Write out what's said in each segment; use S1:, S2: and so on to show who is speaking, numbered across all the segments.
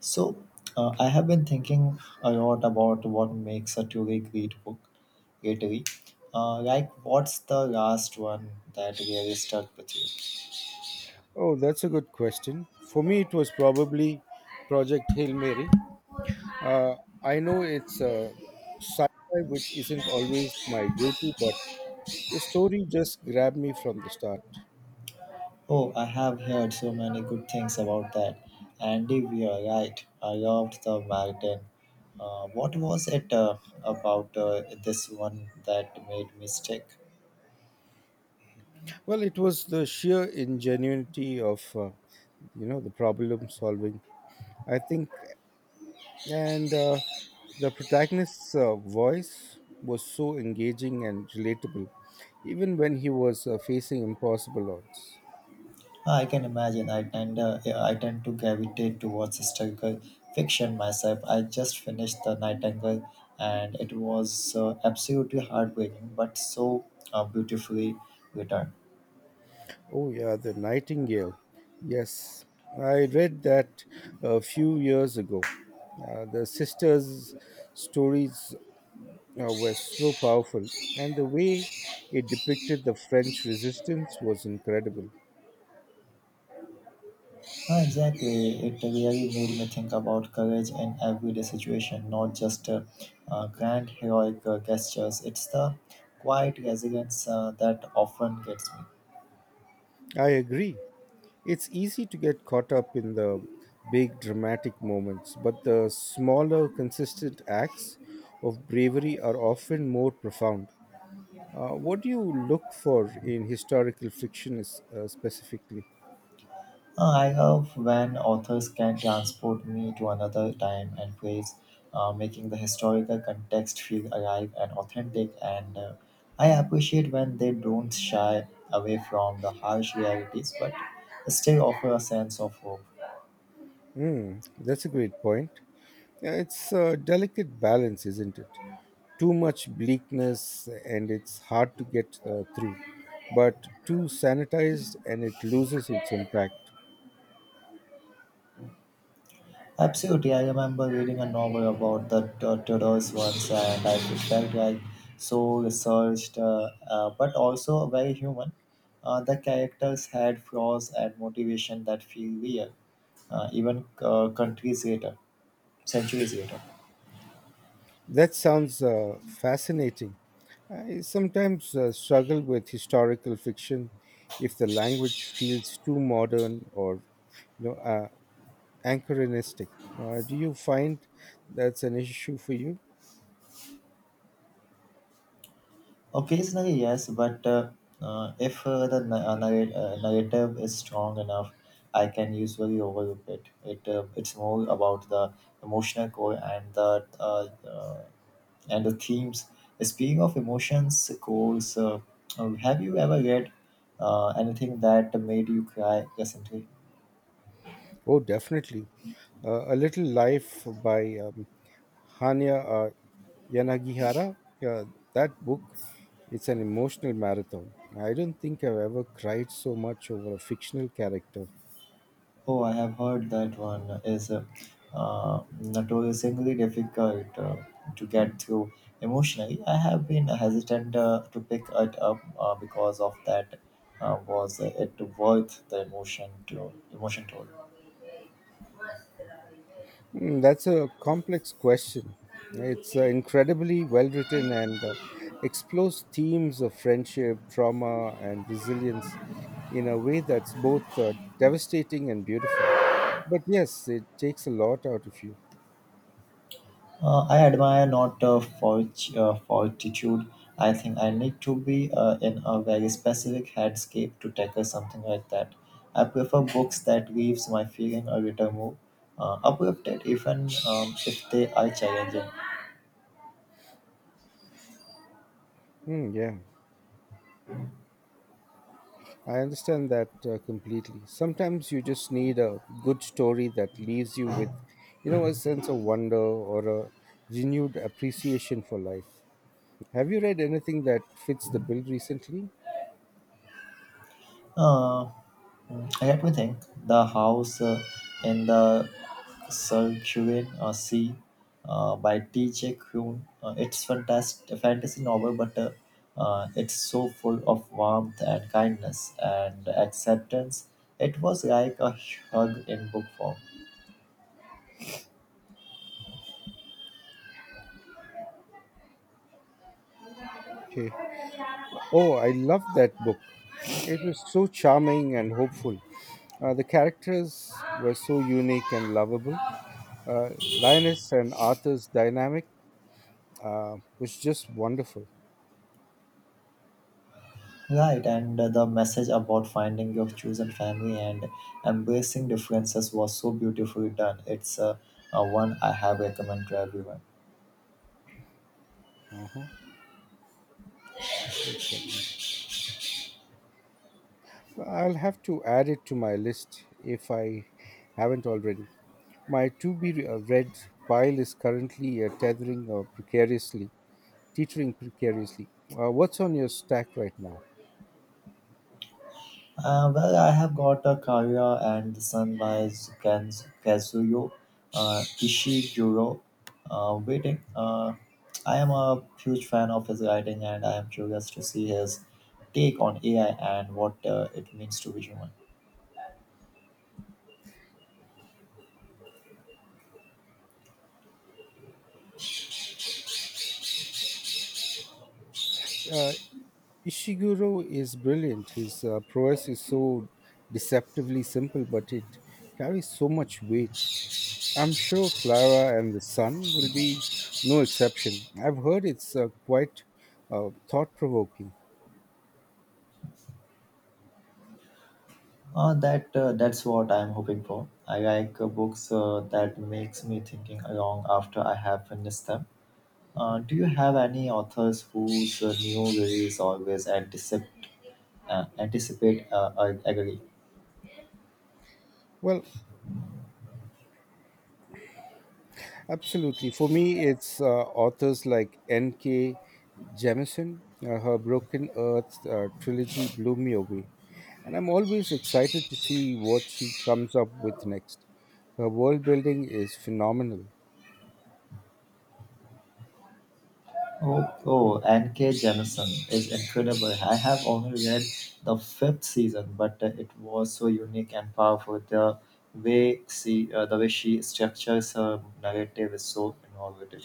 S1: So, I have been thinking a lot about what makes a truly great book, literally. Like, what's the last one that really stuck with you?
S2: Oh, that's a good question. For me, it was probably Project Hail Mary. Uh, I know it's a sci-fi, which isn't always my go-to, but the story just grabbed me from the start.
S1: Oh, I have heard so many good things about that. Andy Weir, right? I loved the Marathon. What was it about this one that made me stick?
S2: Well, it was the sheer ingenuity of the problem solving. I think, and the protagonist's voice was so engaging and relatable, even when he was facing impossible odds.
S1: Ah, I can imagine. Yeah, I tend to gravitate towards historical fiction myself. I just finished The Nightingale, and it was absolutely heartbreaking, but so beautifully written.
S2: Oh, yeah, the Nightingale. Yes, I read that a few years ago. The sisters' stories were so powerful, and the way it depicted the French resistance was incredible.
S1: Ah, exactly, it really made me think about courage in everyday situation, not just grand heroic gestures. It's the quiet resilience that often gets me.
S2: I agree. It's easy to get caught up in the big dramatic moments, but the smaller, consistent acts of bravery are often more profound. What do you look for in historical fiction is, specifically?
S1: I love when authors can transport me to another time and place, making the historical context feel alive and authentic. And I appreciate when they don't shy away from the harsh realities but still offer a sense of hope.
S2: Hmm, that's a great point. Yeah, it's a delicate balance, isn't it? Too much bleakness and it's hard to get through, but too sanitized and it loses its impact.
S1: Absolutely, I remember reading a novel about the tortoise once, and I felt like so researched, but also very human. The characters had flaws and motivation that feel real, even countries centuries later.
S2: That sounds fascinating. I sometimes struggle with historical fiction if the language feels too modern or you know uh, anachronistic. Do you find that's an issue for you?
S1: Occasionally, yes, but if the narrative is strong enough, I can usually overlook it. It's more about the emotional core and the themes. Speaking of emotions, Coles, have you ever read anything that made you cry recently?
S2: Oh, definitely. A Little Life by Hania Yanagihara. Uh, that book, it's an emotional marathon. I don't think I've ever cried so much over a fictional character.
S1: Oh, I have heard that one is notoriously difficult to get through emotionally. I have been hesitant to pick it up because of that. Was it worth the emotion to emotion toll?
S2: Mm, that's a complex question. It's incredibly well written and explores themes of friendship, trauma, and resilience in a way that's both devastating and beautiful. But yes, it takes a lot out of you.
S1: I admire not fortitude. I think I need to be in a very specific headscape to tackle something like that. I prefer books that gives my feeling a little more uplifted, even if they are challenging.
S2: Mm, yeah, I understand that completely. Sometimes you just need a good story that leaves you with, a sense of wonder or a renewed appreciation for life. Have you read anything that fits the bill recently?
S1: Uh, let me think. The house in the Sun Chuen Si by T.J. Kuhn. It's fantastic, a fantasy novel, but it's so full of warmth and kindness and acceptance. It was like a hug in book form.
S2: Okay. Oh, I love that book. It was so charming and hopeful. The characters were so unique and lovable. Uh, Linus and Arthur's dynamic was just wonderful.
S1: Right, and the message about finding your chosen family and embracing differences was so beautifully done. It's one I have recommend to everyone.
S2: Uh-huh. One second. I'll have to add it to my list if I haven't already. My to be read pile is currently teetering precariously. What's on your stack right now?
S1: Well, I have got a Kaguya and the Sun by Kan- Kazuyo Ishiguro waiting. I am a huge fan of his writing and I am curious to see his take on AI and what it means to be human.
S2: Uh, Ishiguro is brilliant. His prose is so deceptively simple, but it carries so much weight. I'm sure Clara and the Sun will be no exception. I've heard it's quite thought provoking.
S1: That that's what I'm hoping for. I like books that makes me thinking along after I have finished them. Do you have any authors whose new release always anticipate agree?
S2: Well, absolutely. For me, it's authors like N.K. Jemisin. Her Broken Earth trilogy blew me away, and I'm always excited to see what she comes up with next. Her world building is phenomenal.
S1: Oh, N.K. Jemisin is incredible. I have only read the fifth season, but it was so unique and powerful. The way the way she structures her narrative is so innovative.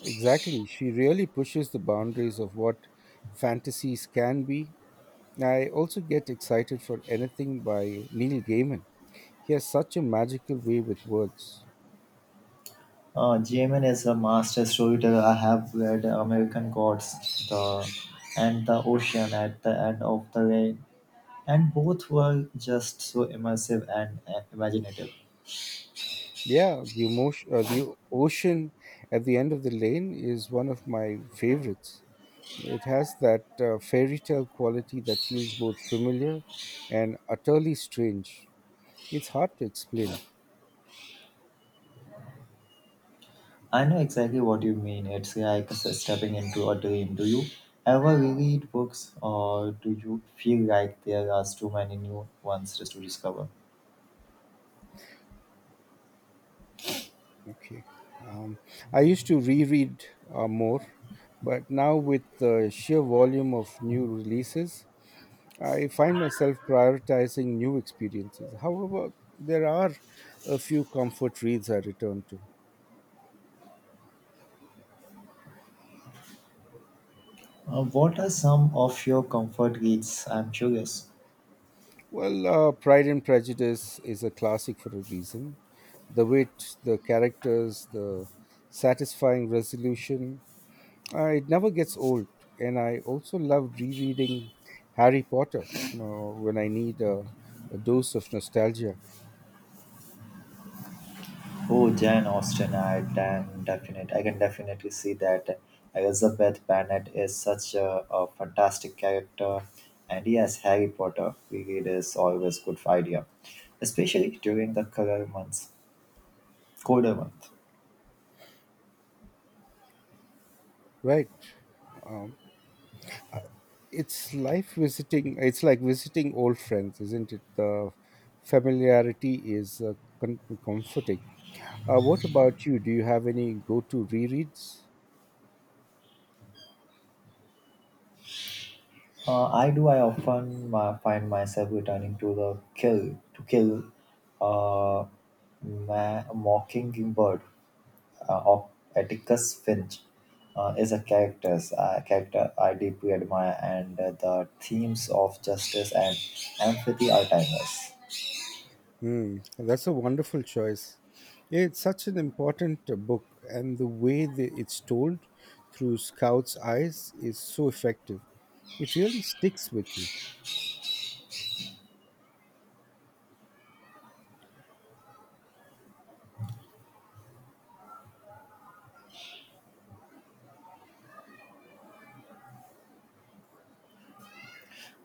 S2: Exactly. She really pushes the boundaries of what fantasies can be. I also get excited for anything by Neil Gaiman. He has such a magical way with words.
S1: Jamin is a master storyteller. I have read American Gods, the and the Ocean at the end of the rain, and both were just so immersive and imaginative.
S2: Yeah, the ocean at the end of the lane is one of my favorites. It has that fairy tale quality that feels both familiar and utterly strange. It's hard to explain.
S1: I know exactly what you mean. It's like stepping into a dream. Do you ever reread books, or do you feel like there are too many new ones just to discover?
S2: Okay. Um, I used to reread more, but now with the sheer volume of new releases, I find myself prioritizing new experiences. However, there are a few comfort reads I return to.
S1: What are some of your comfort reads? I'm curious.
S2: Well, Pride and Prejudice is a classic for a reason. The wit, the characters, the satisfying resolution, it never gets old, and I also love rereading Harry Potter when I need a dose of nostalgia.
S1: Oh, Jane Austen, I can definitely see that Elizabeth Bennet is such a fantastic character, and yes, Harry Potter reread is always good idea, especially during the colder month.
S2: Right. Um, it's like visiting old friends, isn't it? The familiarity is comforting. What about you? Do you have any go to rereads?
S1: I do. I often find myself returning to the kill uh, mockingbird. Of Atticus Finch is a character I deeply admire, and the themes of justice and empathy are timeless.
S2: Hmm, that's a wonderful choice. It's such an important book, and the way that it's told through Scout's eyes is so effective. It really sticks with you.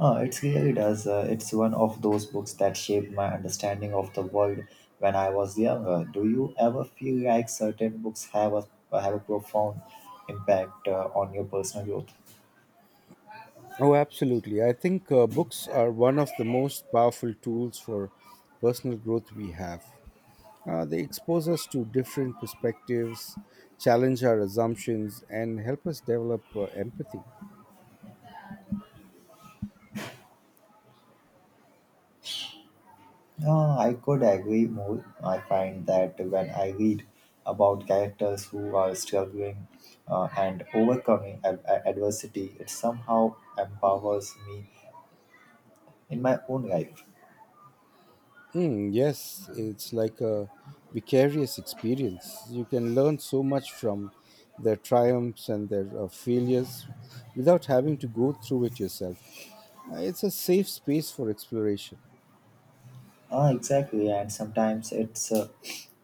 S1: It really does. It's one of those books that shaped my understanding of the world when I was younger. Do you ever feel like certain books have a profound impact on your personal growth?
S2: Oh, absolutely. I think books are one of the most powerful tools for personal growth we have. They expose us to different perspectives, challenge our assumptions, and help us develop empathy.
S1: I could agree more. I find that when I read about characters who are struggling and overcoming adversity, it somehow empowers me in my own life.
S2: Mm, yes, it's like a vicarious experience. You can learn so much from their triumphs and their failures without having to go through it yourself. It's a safe space for exploration.
S1: Ah, exactly, and sometimes it's uh,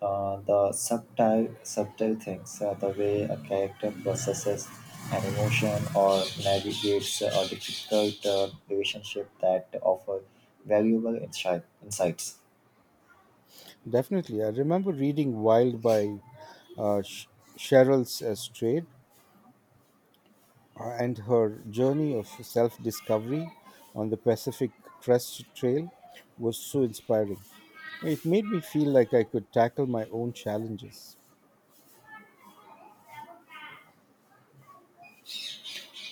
S1: uh, the subtle things, the way a character processes an emotion or navigates a difficult relationship that offer valuable insights.
S2: Definitely. I remember reading Wild by uh, Sh- Cheryl Strayed and her journey of self discovery on the Pacific Crest Trail was so inspiring. It made me feel like I could tackle my own challenges.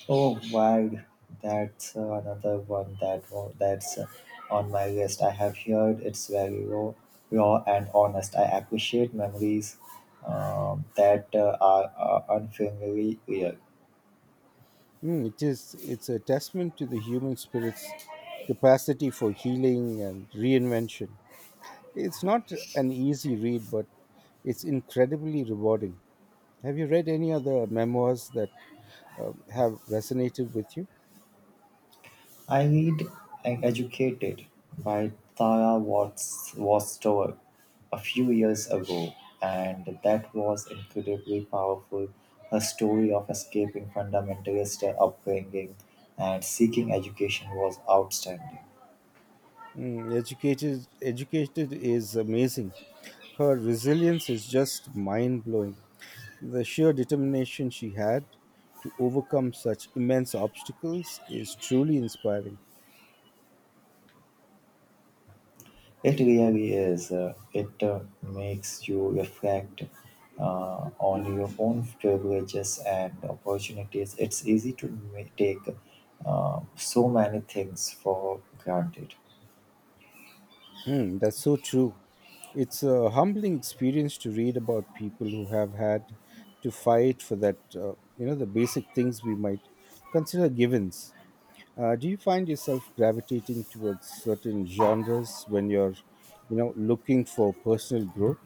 S1: Oh, wow, that's another one that's on my list. I have heard it's very raw and honest. I appreciate memories that are unfailingly real.
S2: Mm, it is. It's a testament to the human spirit's capacity for healing and reinvention. It's not an easy read, but it's incredibly rewarding. Have you read any other memoirs that have resonated with you?
S1: I read and Educated by Tara Watts Westover a few years ago, and that was incredibly powerful. Her story of escaping fundamentalist upbringing and seeking education was outstanding.
S2: Mm, Educated is amazing. Her resilience is just mind blowing. The sheer determination she had to overcome such immense obstacles is truly inspiring.
S1: It really is. It makes you reflect on your own privileges and opportunities. It's easy to take so many things for granted.
S2: Mm, that's so true. It's a humbling experience to read about people who have had to fight for that, the basic things we might consider givens. Do you find yourself gravitating towards certain genres when you're, looking for personal growth?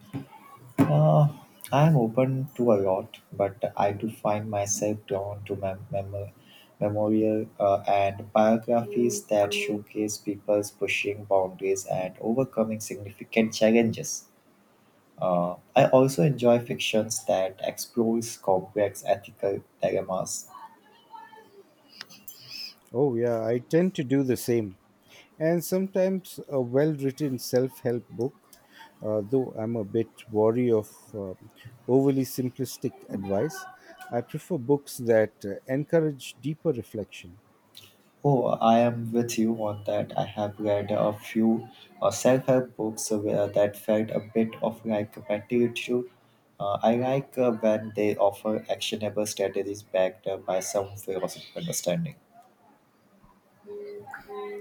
S1: Uh, I'm open to a lot, but I do find myself drawn to memorial and biographies that showcase people's pushing boundaries and overcoming significant challenges. I also enjoy fictions that explores complex ethical dilemmas.
S2: Oh, yeah, I tend to do the same. And sometimes a well written self help book, though I'm a bit wary of uh, overly simplistic advice. I prefer books that encourage deeper reflection.
S1: Oh, I am with you on that. I have read a few self-help books where that felt a bit of like a platitude. I like when they offer actionable strategies backed up by some philosophical understanding.